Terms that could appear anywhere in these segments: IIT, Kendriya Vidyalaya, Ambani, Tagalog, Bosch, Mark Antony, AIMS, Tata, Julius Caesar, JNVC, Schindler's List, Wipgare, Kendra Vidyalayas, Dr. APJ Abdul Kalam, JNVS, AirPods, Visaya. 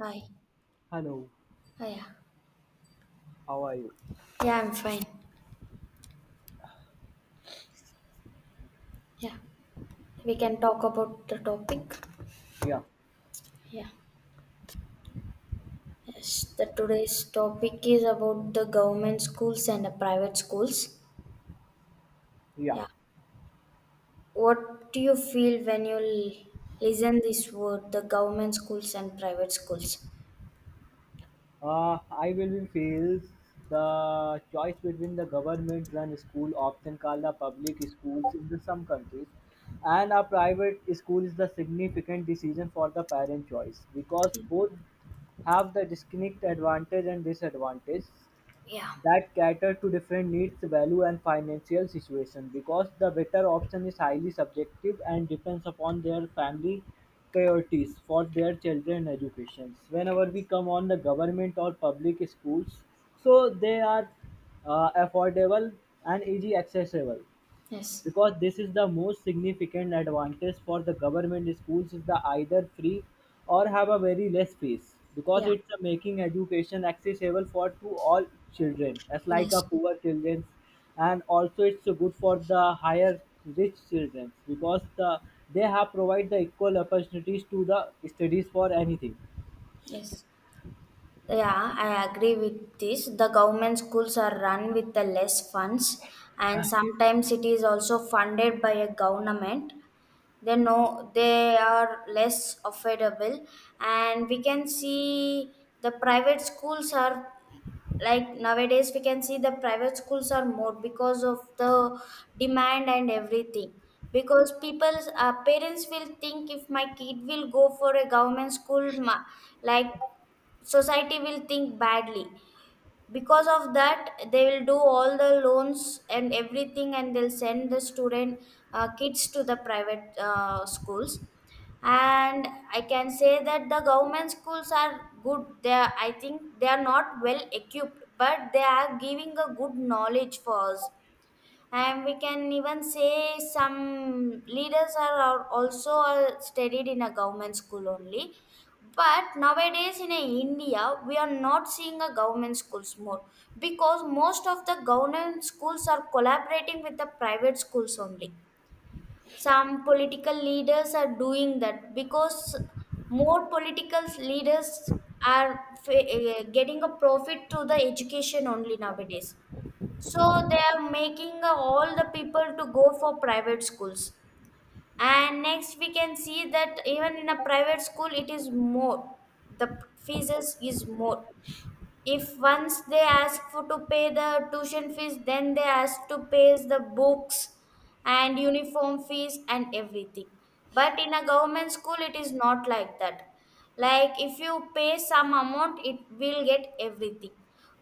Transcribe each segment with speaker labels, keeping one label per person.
Speaker 1: Hi.
Speaker 2: Hello,
Speaker 1: Hi. Yeah.
Speaker 2: how are you?
Speaker 1: Yeah, I'm fine. Yeah. We can talk about the topic.
Speaker 2: Yeah,
Speaker 1: Yeah. Yes. The today's topic is about the government schools and the private schools.
Speaker 2: yeah.
Speaker 1: Yeah. What do you feel when you listen this word, the government schools and private schools?
Speaker 2: I will be feels the choice between the government-run school, often called the public schools in the some countries, and a private school is the significant decision for the parent choice because both have the distinct advantage and disadvantage,
Speaker 1: Yeah.
Speaker 2: that cater to different needs, value, and financial situation because the better option is highly subjective and depends upon their family priorities for their children educations. Whenever we come on the government or public schools, so they are affordable and easy accessible
Speaker 1: Yes.
Speaker 2: because this is the most significant advantage for the government schools is the either free or have a very less fees because
Speaker 1: Yeah.
Speaker 2: it's a making education accessible for to all children as like a
Speaker 1: Yes.
Speaker 2: poor children. And also it's so good for the higher rich children because they have provide the equal opportunities to the studies for anything.
Speaker 1: Yes. Yeah, I agree with this. The government schools are run with the less funds, and sometimes it is also funded by a government. They know they are less affordable, and we can see the private schools are, like, nowadays we can see the private schools are more because of the demand and everything, because people's parents will think, if my kid will go for a government school, like, society will think badly. Because of that, they will do all the loans and everything, and they'll send the student, kids, to the private schools. And I can say that the government schools are good. They are, I think, they are not well equipped, but they are giving a good knowledge for us. And we can even say some leaders are also all studied in a government school only. But nowadays in a india we are not seeing a government schools more, because most of the government schools are collaborating with the private schools only. Some political leaders are doing that, because more political leaders are getting a profit to the education only nowadays. So they are making all the people to go for private schools. And next, we can see that even in a private school it is more. The fees is more. If once they ask for to pay the tuition fees, then they ask to pay the books and uniform fees and everything. But in a government school it is not like that. Like if you pay some amount, it will get everything.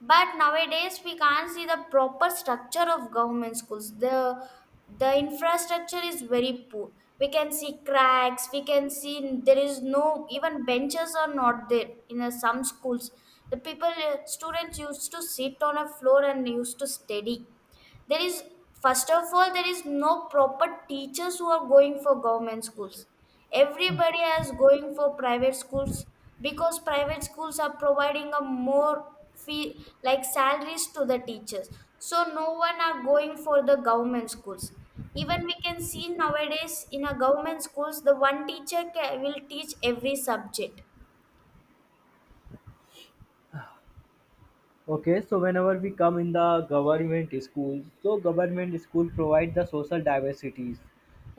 Speaker 1: But nowadays we can't see the proper structure of government schools. The infrastructure is very poor. We can see cracks, we can see there is no, even benches are not there in some schools. The people, students used to sit on a floor and used to study. There is, first of all, there is no proper teachers who are going for government schools. Everybody is going for private schools, because private schools are providing a more fee, like salaries to the teachers. So no one are going for the government schools. Even we can see nowadays in a government schools the one teacher ca will teach every subject.
Speaker 2: Okay, so whenever we come in the government schools, so government school provide the social diversities.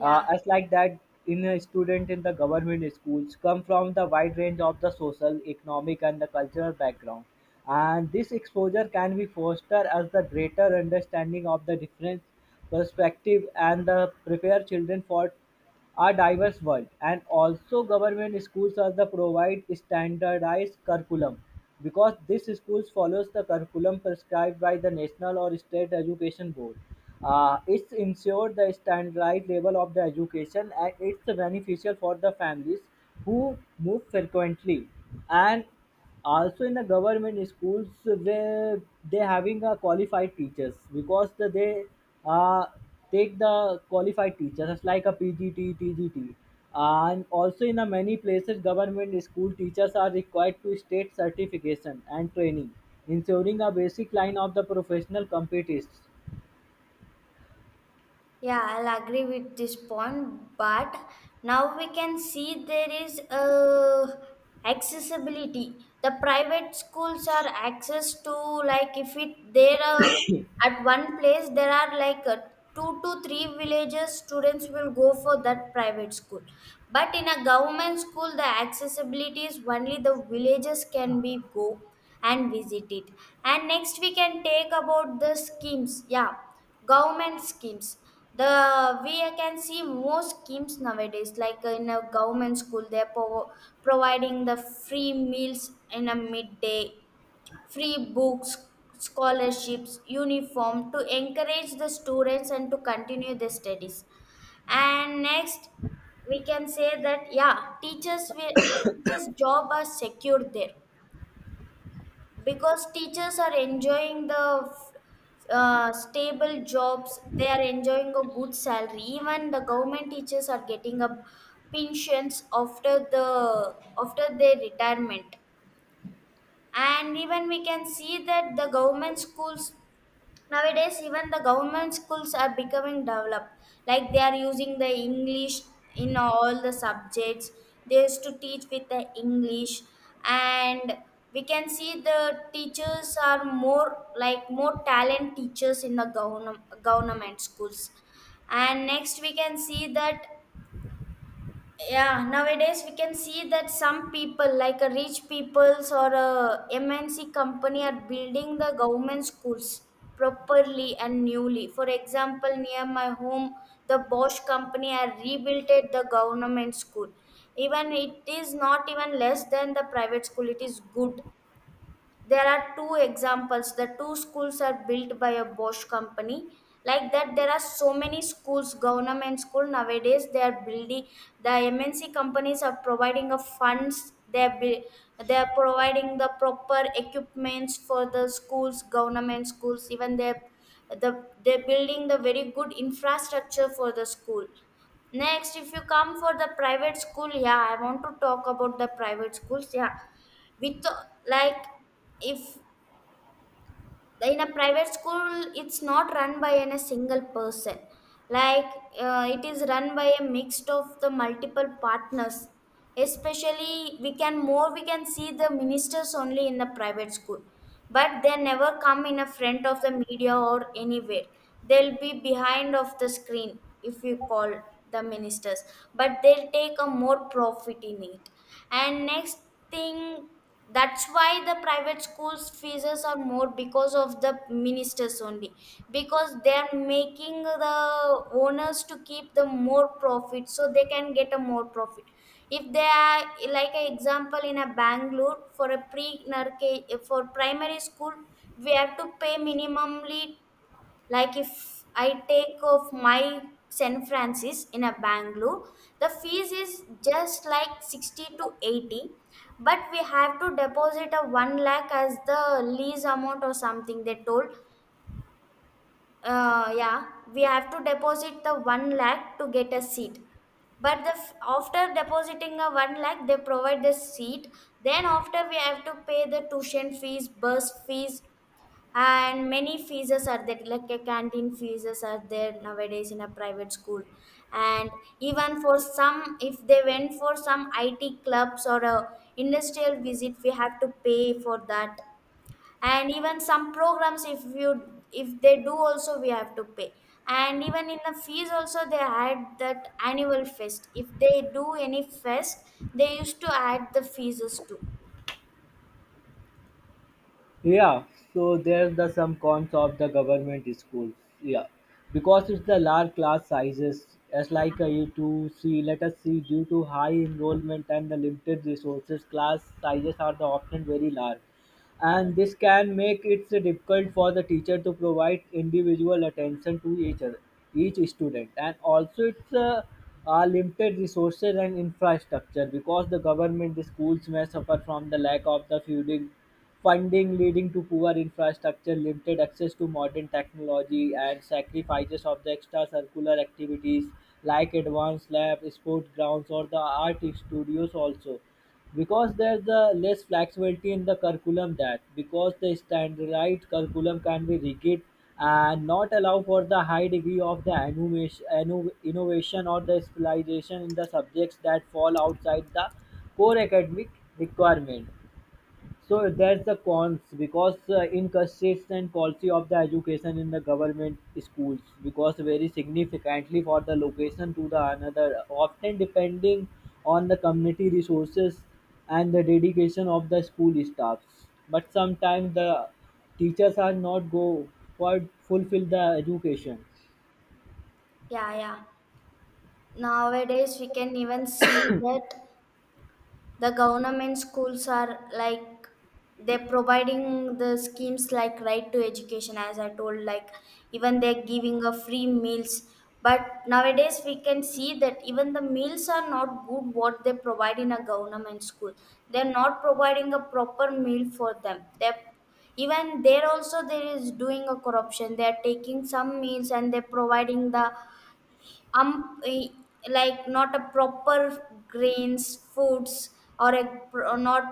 Speaker 2: As like that, in a student in the government schools come from the wide range of the social, economic, and the cultural background, and this exposure can be fostered as the greater understanding of the different perspective and the prepare children for are diverse world. And also government schools are the provide standardized curriculum because this schools follows the curriculum prescribed by the national or state education board. It's ensure the standardized level of the education and it's beneficial for the families who move frequently. And also in the government schools where they having a qualified teachers because they uh, take the qualified teachers, it's like a PGT TGT. And also in the many places government school teachers are required to state certification and training, ensuring a basic line of the professional competence.
Speaker 1: Yeah, I'll agree with this point. But now we can see there is accessibility. The private schools are access to, like, if it there are at one place, there are like two to three villages students will go for that private school. But in a government school, the accessibility is only the villages can be go and visit it. And next we can take about the schemes. Yeah, government schemes. The, we can see more schemes nowadays like in a government school they're providing the free meals in a midday, free books, scholarships, uniform, to encourage the students and to continue their studies. And next, we can say that, yeah, teachers will, teachers job are secure there, because teachers are enjoying the stable jobs. They are enjoying a good salary. Even the government teachers are getting a pensions after the after their retirement. And even we can see that the government schools, nowadays, even the government schools are becoming developed. Like they are using the English in all the subjects. They used to teach with the English, and we can see the teachers are more, like more talent teachers in the government schools. And next, we can see that, yeah, nowadays we can see that some people, like a rich peoples or a MNC company, are building the government schools properly and newly. For example, near my home, the Bosch company are rebuilt it the government school. Even it is not even less than the private school, it is good. There are two examples, the two schools are built by a Bosch company. Like that, there are so many schools, government school, nowadays they are building. The MNC companies are providing a funds, they are they are providing the proper equipments for the schools, government schools. Even they, they're building the very good infrastructure for the school. Next, if you come for the private school, yeah, I want to talk about the private schools. Yeah, with, like, if in a private school it's not run by a single person. Like, it is run by a mix of the multiple partners. Especially, we can more, we can see the ministers only in the private school, but they never come in a front of the media or anywhere. They'll be behind of the screen. If you call the ministers, but they'll take a more profit in it. And next thing, that's why the private schools fees are more, because of the ministers only, because they're making the owners to keep the more profit, so they can get a more profit if they are. Like an example, in a Bangalore, for a pre for primary school, we have to pay minimumly. Like, if I take off my San Francis in a Bangalore, the fees is just like 60 to 80, but we have to deposit a 1 lakh as the lease amount or something, they told. Yeah, we have to deposit the one lakh to get a seat. But the after depositing a one lakh, they provide the seat. Then after we have to pay the tuition fees, bus fees, and many fees are there. Like a canteen fees are there nowadays in a private school. And even for some, if they went for some IT clubs or a industrial visit, we have to pay for that. And even some programs, if you, if they do also, we have to pay. And even in the fees also they add that annual fest, if they do any fest they used to add the fees too.
Speaker 2: Yeah, so there's the some cons of the government schools. Yeah, because it's the large class sizes, as like au to U2C, let us see, due to high enrollment and the limited resources, class sizes are the often very large
Speaker 1: Yeah.
Speaker 2: and this can make it difficult for the teacher to provide individual attention to each other, each student. And also it's limited resources and infrastructure because the government the schools may suffer from the lack of the funding leading to poor infrastructure, limited access to modern technology and sacrifices of the extracurricular activities like advanced lab sport grounds or the art studios. Also because there's the less flexibility in the curriculum that because the standardized curriculum can be rigid and not allow for the high degree of the innovation or the specialization in the subjects that fall outside the core academic requirement. So that's the cons because inconsistent quality of the education in the government schools because vary significantly for the location to the another, often depending on the community resources and the dedication of the school staffs. But sometimes the teachers are not go for fulfill the education.
Speaker 1: Yeah, nowadays we can even see that the government schools are, like, they're providing the schemes like right to education, as I told. Like, even they're giving a free meals, but nowadays we can see that even the meals are not good what they provide in a government school. They're not providing a proper meal for them. They're, even there also there is doing a corruption. They are taking some meals and they're providing the um eh, like not a proper grains foods, or a not,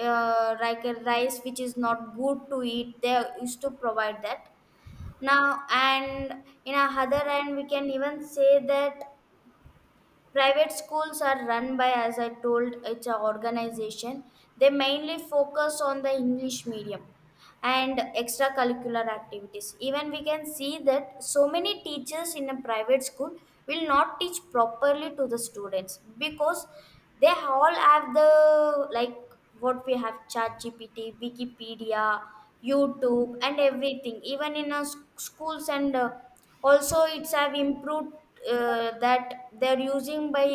Speaker 1: like a rice which is not good to eat, they used to provide that now. And in a other end, we can even say that private schools are run by, as I told, it's an organization. They mainly focus on the english medium and extracurricular activities. Even we can see that so many teachers in a private school will not teach properly to the students, because they all have the, like, what we have, chat GPT, Wikipedia, YouTube and everything. Even in our schools, and also it's have improved, that they're using by,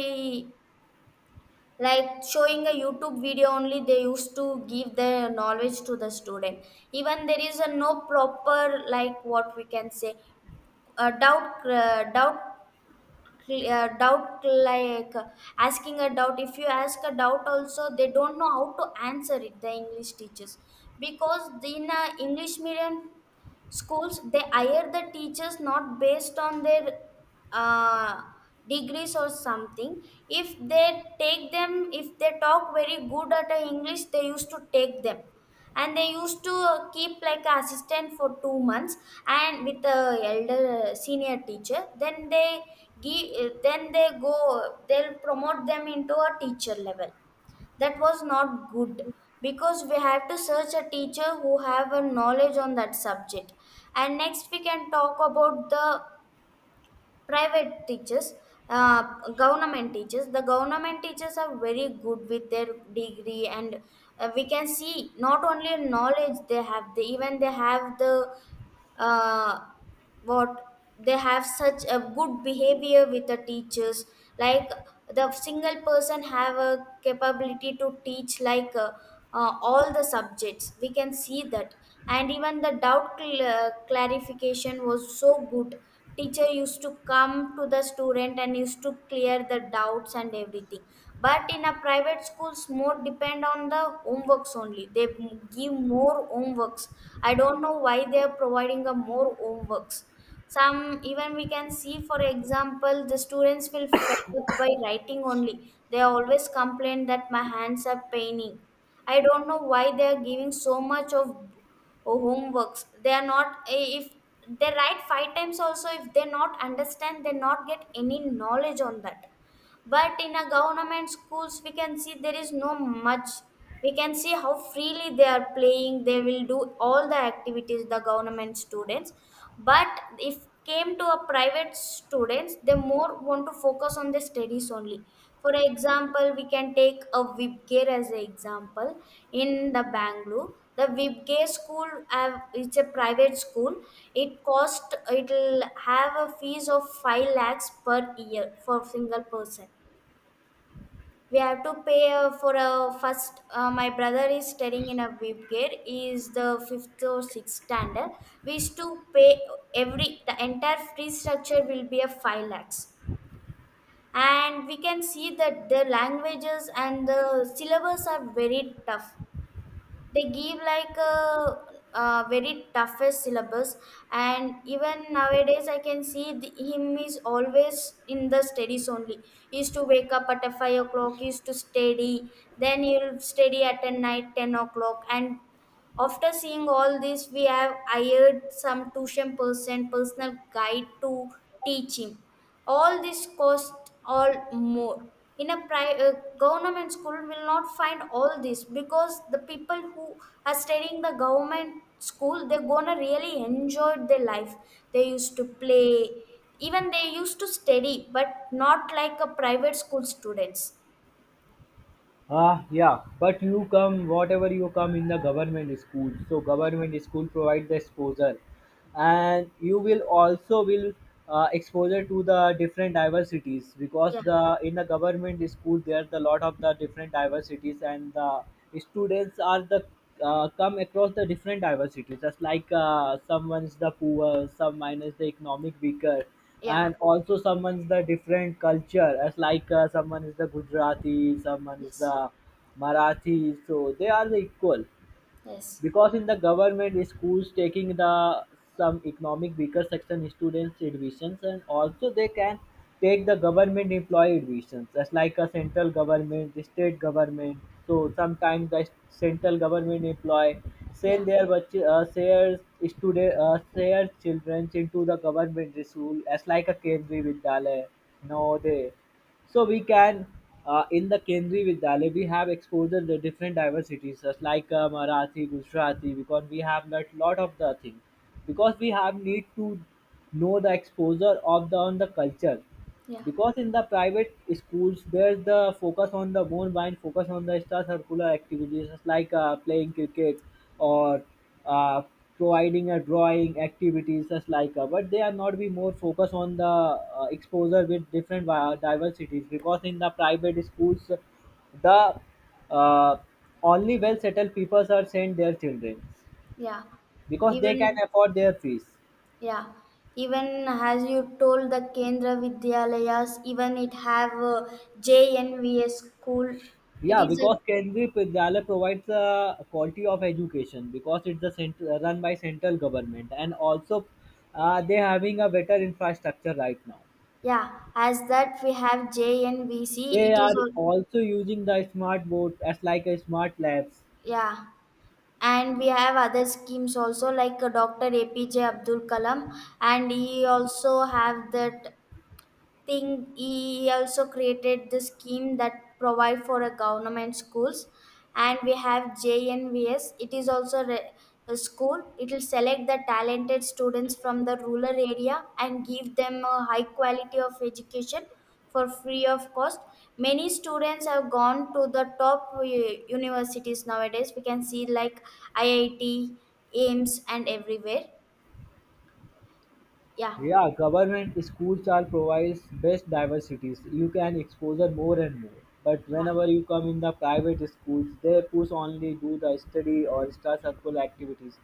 Speaker 1: like, showing a YouTube video only, they used to give the knowledge to the student. Even there is a no proper, like, what we can say, a doubt, doubt, like, asking a doubt. If you ask a doubt also, they don't know how to answer it, the english teachers. Because in a english medium schools, they hire the teachers not based on their uh, degrees or something. If they take them, if they talk very good at a english, they used to take them. And they used to keep like a assistant for 2 months, and with the elder senior teacher, then they give, then they go, they'll promote them into a teacher level. That was not good, because we have to search a teacher who have a knowledge on that subject. And next, we can talk about the private teachers, uh, government teachers. The government teachers are very good with their degree, and we can see not only knowledge they have, they even they have the uh, what they have such a good behavior with the teachers. Like, the single person have a capability to teach, like all the subjects, we can see that. And even the doubt clarification was so good. Teacher used to come to the student and used to clear the doubts and everything. But in a private schools, more depend on the homeworks only. They give more homeworks. I don't know why they are providing a more homeworks. Some, even we can see, for example, the students will fed up by writing only. They always complain that my hands are paining. I don't know why they are giving so much of Or homeworks, they are not, if they write five times also, if they not understand, they not get any knowledge on that. But in a government schools, we can see there is no much. We can see how freely they are playing. They will do all the activities, the government students. But if came to a private students, they more want to focus on the studies only. For example, we can take a Wipgare as an example in the Bangalore. The Wipgare school, have, it's a private school. It cost, it'll have a fees of 5 lakhs per year for single person. We have to pay for a first. My brother is studying in a Wipgare. He is the fifth or sixth standard. We used to pay, every the entire fee structure will be a five lakhs. And we can see that the languages and the syllabus are very tough. They give like a very toughest syllabus. And even nowadays, I can see the, him is always in the studies only. He used to wake up at a 5 o'clock. He used to study, then he'll study at a night 10 o'clock. And after seeing all this, we have hired some tuition person, personal guide to teach him. All this cost all more. In a government school, will not find all this, because the people who are studying the government school, they're gonna really enjoy their life. They used to play, even they used to study, but not like a private school students.
Speaker 2: Ah, yeah, but you come, whatever you come in the government school. So government school provide the exposure, and you will also will exposure to the different diversities because
Speaker 1: Yeah,
Speaker 2: the in the government school there's a lot of the different diversities and the students are the come across the different diversities. Just like someone's the poor, some minus the economic weaker,
Speaker 1: yeah,
Speaker 2: and also someone's the different culture as like someone is the Gujarati, someone is the
Speaker 1: yes,
Speaker 2: Marathi, so they are the equal
Speaker 1: yes,
Speaker 2: because in the government schools taking the some economic weaker section students admissions. And also they can take the government employee admissions just like a central government, the state government. So sometimes the central government employee
Speaker 1: yeah,
Speaker 2: send their shares student share children into the government school as like a Kendri Vidyalay nowadays. So we can, in the Kendri Vidyalaya, we have exposure to different diversities, such like Marathi, Gujarati, because we have learnt lot of the thing. Because we have need to know the exposure of the on the culture.
Speaker 1: yeah.
Speaker 2: Because in the private schools, there's the focus on the more mind focus on the extra circular activities just like playing cricket or uh, providing a drawing activities such like but they are not be more focused on the exposure with different diversities because in the private schools the uh, only well settled people are sent their children
Speaker 1: Yeah,
Speaker 2: because they can
Speaker 1: even,
Speaker 2: afford their fees.
Speaker 1: yeah, even as you told the Kendra Vidyalayas, even it have JNVS school. It
Speaker 2: Yeah,
Speaker 1: is a
Speaker 2: because Kendriya Vidyalaya provides a quality of education because it's the run by central government. And also they having a better infrastructure right now.
Speaker 1: Yeah. As that we have JNVC.
Speaker 2: They
Speaker 1: It is
Speaker 2: are
Speaker 1: al-
Speaker 2: also using the smart board as like a smart labs.
Speaker 1: yeah, and we have other schemes also like Dr. APJ Abdul Kalam, and he also have that, think he also created the scheme that provide for a government schools. And we have JNVS, it is also a school. It will select the talented students from the rural area and give them a high quality of education for free of cost. Many students have gone to the top universities. Nowadays we can see like IIT, Aims, and everywhere. Yeah,
Speaker 2: Yeah, government school chart provides best diversities. You can exposure more and more. But
Speaker 1: yeah,
Speaker 2: whenever you come in the private schools, they push only do the study or star circle activities.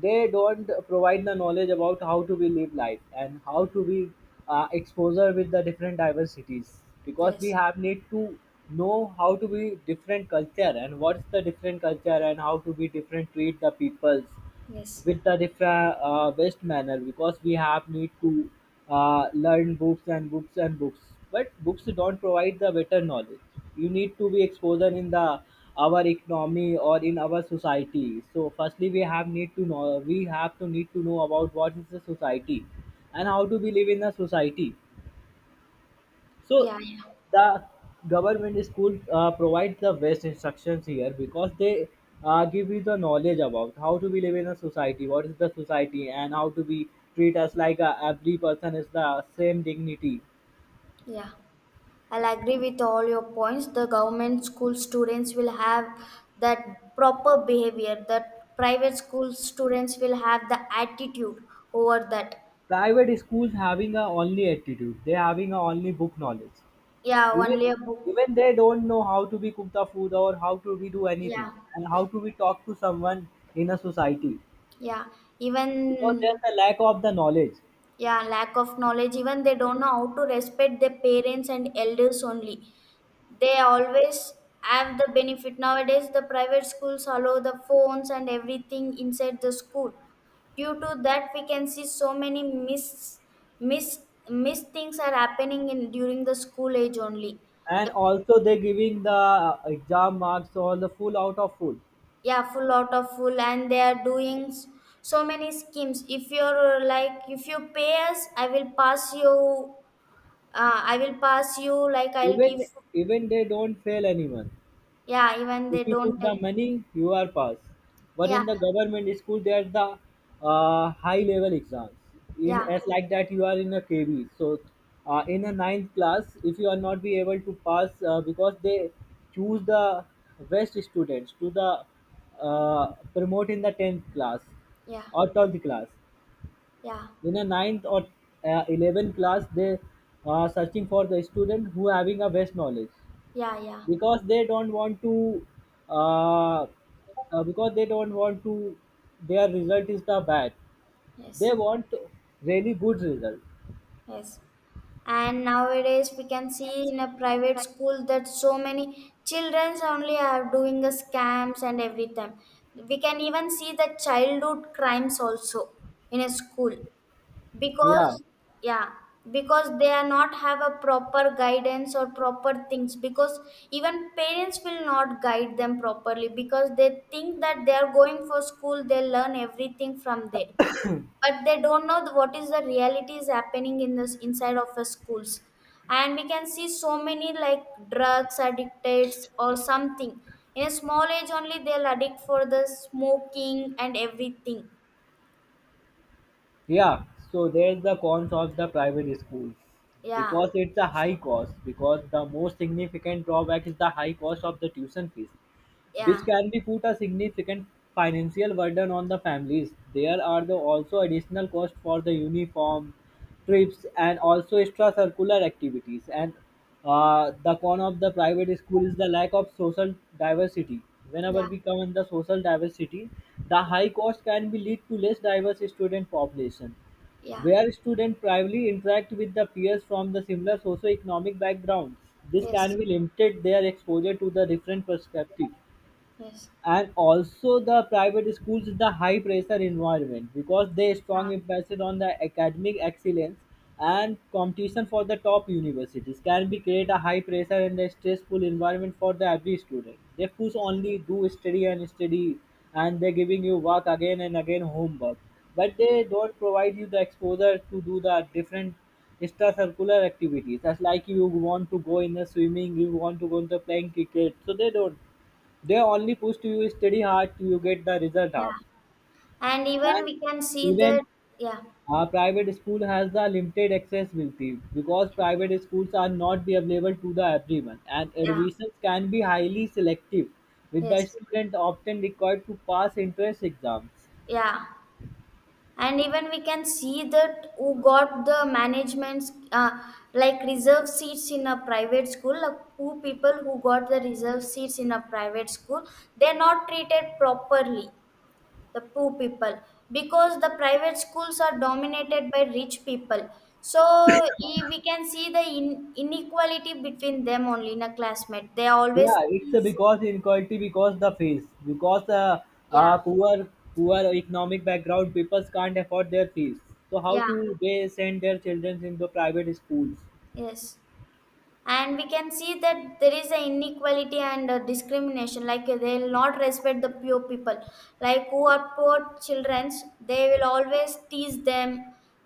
Speaker 2: They don't provide the knowledge about how to be live life and how to be exposure with the different diversities. Because we
Speaker 1: yes,
Speaker 2: have need to know how to be different culture and what's the different culture and how to be different treat the peoples
Speaker 1: yes,
Speaker 2: with the different best manner because we have need to learn books and books and books, but books don't provide the better knowledge. You need to be exposed in the our economy or in our society. So firstly we have need to know, we have to need to know about what is the society and how to be live in a society. So
Speaker 1: yeah, yeah,
Speaker 2: the government school provides the best instructions here because they give you the knowledge about how to be live in a society, what is the society, and how to be treat us like every person is the same dignity.
Speaker 1: yeah. I'll agree with all your points. The government school students will have that proper behavior, that private school students will have the attitude over that.
Speaker 2: Private schools having a only attitude, they having a only book knowledge.
Speaker 1: Yeah,
Speaker 2: Even
Speaker 1: only a book.
Speaker 2: even they don't know how to be cook the food or how to be do anything
Speaker 1: Yeah,
Speaker 2: and how to be talk to someone in a society
Speaker 1: yeah.
Speaker 2: because there's
Speaker 1: Even,
Speaker 2: a lack of the knowledge.
Speaker 1: yeah, lack of knowledge. Even they don't know how to respect their parents and elders only. They always have the benefit. Nowadays the private schools allow the phones and everything inside the school. Due to that we can see so many miss miss things are happening in during the school age only.
Speaker 2: And
Speaker 1: The,
Speaker 2: also they're giving the exam marks or the full out of full.
Speaker 1: yeah, full lot of full, and they are doing so many schemes. If you're like, if you pay us, I will pass you. I will pass you, like I'll give.
Speaker 2: Even even they don't fail anyone.
Speaker 1: Yeah, even
Speaker 2: If
Speaker 1: they
Speaker 2: you
Speaker 1: don't
Speaker 2: put
Speaker 1: tell.
Speaker 2: the money you are pass, but
Speaker 1: Yeah,
Speaker 2: in the government school there's the high level exams in
Speaker 1: yeah,
Speaker 2: as like that you are in a KV. So in a ninth class if you are not be able to pass because they choose the best students to the promote in the 10th class
Speaker 1: yeah,
Speaker 2: or 12th class.
Speaker 1: yeah.
Speaker 2: In a ninth or 11th class they are searching for the student who having a best knowledge
Speaker 1: Yeah, yeah,
Speaker 2: because they don't want to uh, because they don't want to their result is the bad, they
Speaker 1: yes,
Speaker 2: want really good result.
Speaker 1: yes. And nowadays we can see in a private school that so many children only are doing the scams and everything. We can even see the childhood crimes also in a school,
Speaker 2: Yeah,
Speaker 1: because, yeah, because they are not have a proper guidance or proper things. Because even parents will not guide them properly, because they think that they are going for school, they learn everything from there. But they don't know what is the reality is happening in this inside of the schools. And we can see so many like drugs addicted or something. In a small age only they'll addict for the smoking and everything.
Speaker 2: yeah, so there's the cons of the private schools
Speaker 1: Yeah,
Speaker 2: because it's a high cost because the most significant drawback is the high cost of the tuition fees, which
Speaker 1: yeah,
Speaker 2: can be put a significant financial burden on the families. There are the also additional costs for the uniform, trips, and also extracurricular activities. And the con of the private school is the lack of social diversity. Whenever
Speaker 1: yeah,
Speaker 2: we come in the social diversity, the high cost can be lead to less diverse student population
Speaker 1: yeah,
Speaker 2: where students primarily interact with the peers from the similar socioeconomic backgrounds. This
Speaker 1: yes,
Speaker 2: can be limited their exposure to the different perspective.
Speaker 1: yes,
Speaker 2: And also the private schools is the high pressure environment because they strong
Speaker 1: yeah,
Speaker 2: emphasis on the academic excellence and competition for the top universities can be create a high pressure and a stressful environment for the every student. They push only do study and study, and they're giving you work again and again homework, but they don't provide you the exposure to do the different extracurricular activities. That's like you want to go in the swimming, you want to go into playing cricket, so they don't, they only push you study hard till you get the result hard.
Speaker 1: yeah, and even
Speaker 2: And
Speaker 1: we can see that,
Speaker 2: even
Speaker 1: yeah,
Speaker 2: private school has the limited accessibility because private schools are not be available to the everyone and
Speaker 1: yeah,
Speaker 2: admissions can be highly selective with the
Speaker 1: yes,
Speaker 2: student often required to pass entrance exams.
Speaker 1: yeah, and even we can see that who got the management's like reserve seats in a private school, like who people who got the reserve seats in a private school, they're not treated properly, the poor people, because the private schools are dominated by rich people. So we can see the inequality between them only in a classmate, they always,
Speaker 2: Yeah, it's a because inequality because the fees because
Speaker 1: yeah,
Speaker 2: uh, poor poor economic background people can't afford their fees. So how
Speaker 1: yeah,
Speaker 2: to they send their children in the private schools?
Speaker 1: yes. And we can see that there is an inequality and a discrimination, like they will not respect the poor people, like who are poor children, they will always tease them.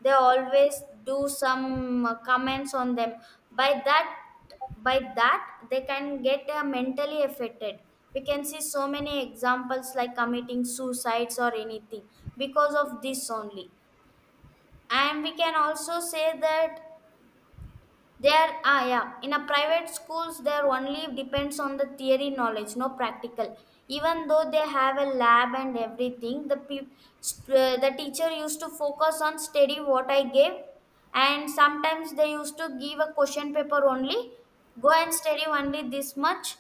Speaker 1: They always do some comments on them. By that by that they can get mentally affected. We can see so many examples like committing suicides or anything because of this only. And we can also say that yeah. In a private schools, there only depends on the theory knowledge, no practical. Even though they have a lab and everything, the the teacher used to focus on study what I gave, and sometimes they used to give a question paper only. Go and study only this much.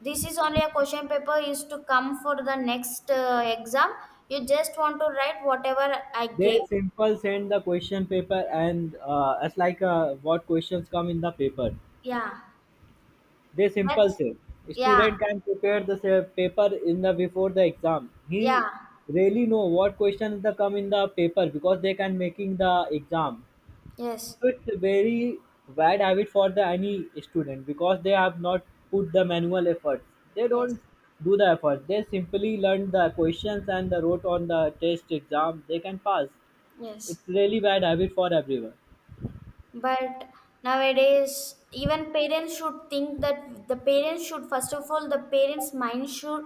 Speaker 1: This is only a question paper is to come for the next exam. You just want to write whatever I gave.
Speaker 2: They simple send the question paper and as like what questions come in the paper.
Speaker 1: Yeah,
Speaker 2: They
Speaker 1: but
Speaker 2: simple say
Speaker 1: yeah,
Speaker 2: student can prepare the paper in the before the exam. He
Speaker 1: yeah,
Speaker 2: really know what questions the come in the paper because they can making the exam.
Speaker 1: yes.
Speaker 2: So it's a very bad habit for the any student because they have not put the manual efforts. They don't
Speaker 1: Yes,
Speaker 2: do the effort. They simply learn the questions and the wrote on the test exam. They can pass.
Speaker 1: yes.
Speaker 2: It's really bad habit for everyone.
Speaker 1: But nowadays, even parents should think that the parents should, first of all, the parents' mind should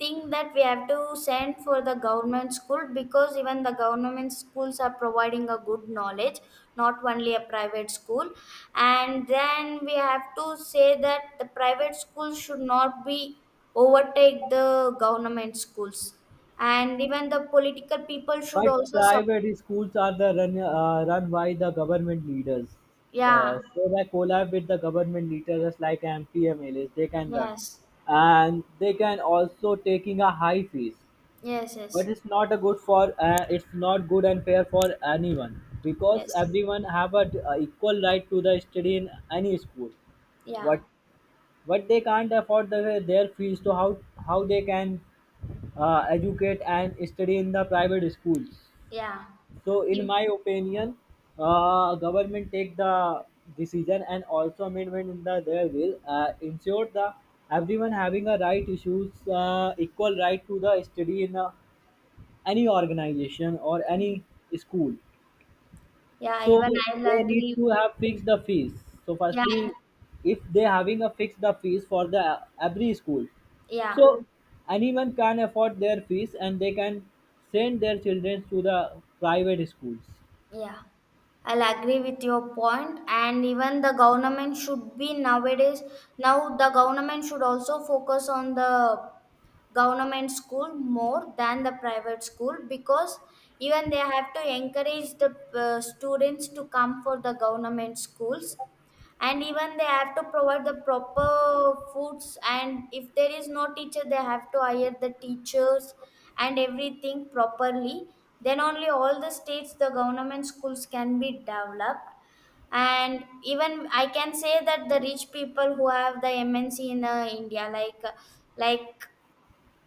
Speaker 1: think that we have to send for the government school, because even the government schools are providing a good knowledge, not only a private school. And then we have to say that the private schools should not be overtake the government schools. And even the political people should
Speaker 2: But
Speaker 1: also,
Speaker 2: private schools are the run by the government leaders.
Speaker 1: yeah.
Speaker 2: So they collab with the government leaders just like MPMLAs. They can run,
Speaker 1: Yes,
Speaker 2: and they can also taking a high fees.
Speaker 1: yes, yes,
Speaker 2: But it's not a good for it's not good and fair for anyone because
Speaker 1: yes.
Speaker 2: everyone have a equal right to the study in any school.
Speaker 1: Yeah,
Speaker 2: What what they can't afford the, their fees to how they can educate and study in the private schools.
Speaker 1: yeah.
Speaker 2: So in
Speaker 1: You,
Speaker 2: my opinion, government take the decision and also amendment in the their will ensure the everyone having a right issues, equal right to the study in any organization or any school.
Speaker 1: yeah,
Speaker 2: So
Speaker 1: even I'll
Speaker 2: they need
Speaker 1: agree.
Speaker 2: to have fixed the fees. So
Speaker 1: Yeah,
Speaker 2: firstly, if they having a fixed the fees for the every school,
Speaker 1: yeah,
Speaker 2: so anyone can afford their fees and they can send their children to the private schools.
Speaker 1: yeah. I'll agree with your point, and even the government should be nowadays. Now, the government should also focus on the government school more than the private school, because even they have to encourage the students to come for the government schools. And even they have to provide the proper foods, and if there is no teacher, they have to hire the teachers and everything properly. Then only all the states, the government schools can be developed. And even I can say that the rich people who have the MNC in India, like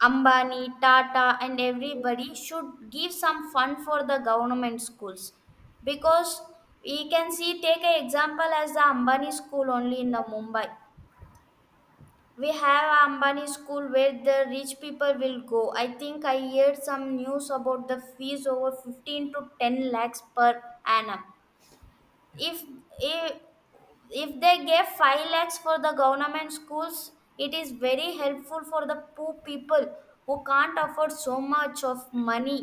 Speaker 1: Ambani, Tata, and everybody should give some fund for the government schools. Because we can see, take an example as the Ambani school only in the Mumbai. We have Ambani school where the rich people will go. I think I heard some news about the fees over 15 to 10 lakhs per annum. If if if they gave 5 lakhs for the government schools, it is very helpful for the poor people who can't afford so much of money.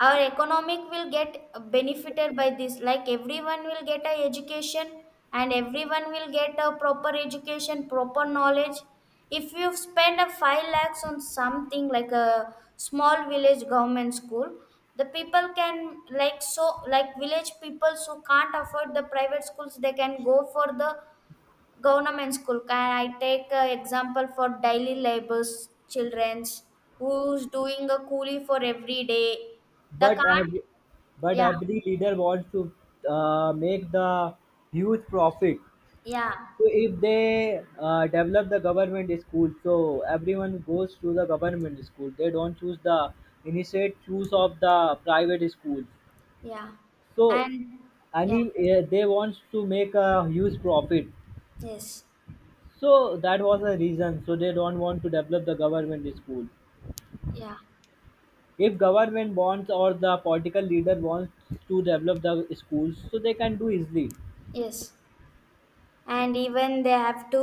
Speaker 1: Our economic will get benefited by this, like everyone will get a education, and everyone will get a proper education, proper knowledge. If you spend a 5 lakhs on something like a small village government school, the people can, like village people who can't afford the private schools, they can go for the government school. Can I take example for daily labors childrens who's doing a coolie for every day? The
Speaker 2: But
Speaker 1: can't,
Speaker 2: ev- but
Speaker 1: yeah,
Speaker 2: every leader wants to make the huge profit.
Speaker 1: yeah,
Speaker 2: So if they develop the government school, so everyone goes to the government school. They don't choose the initiate choose of the private schools.
Speaker 1: yeah,
Speaker 2: So,
Speaker 1: and yeah,
Speaker 2: they want to make a huge profit.
Speaker 1: yes,
Speaker 2: So that was the reason. So they don't want to develop the government school.
Speaker 1: yeah,
Speaker 2: If government wants or the political leader wants to develop the schools, so they can do easily.
Speaker 1: yes. And even they have to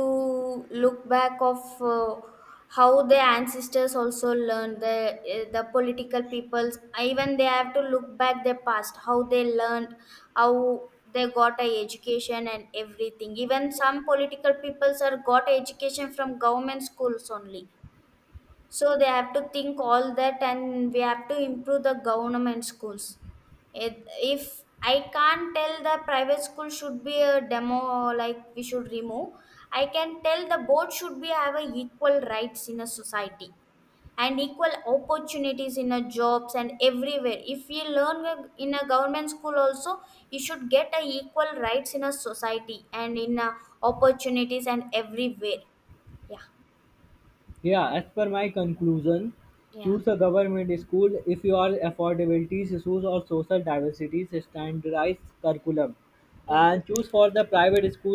Speaker 1: look back of how their ancestors also learned the political peoples, even they have to look back their past, how they learned, how they got a education and everything. Even some political peoples are got education from government schools only. So they have to think all that, and we have to improve the government schools. It, if I can't tell the private school should be a demo, like we should remove, I can tell the both should be have a equal rights in a society and equal opportunities in a jobs and everywhere. If you learn in a government school also, you should get a equal rights in a society and in a opportunities and everywhere. Yeah,
Speaker 2: Yeah, as per my conclusion,
Speaker 1: yeah,
Speaker 2: choose a government school if you are affordability issues or social diversity standardized curriculum,
Speaker 1: yeah.
Speaker 2: and choose for the private school.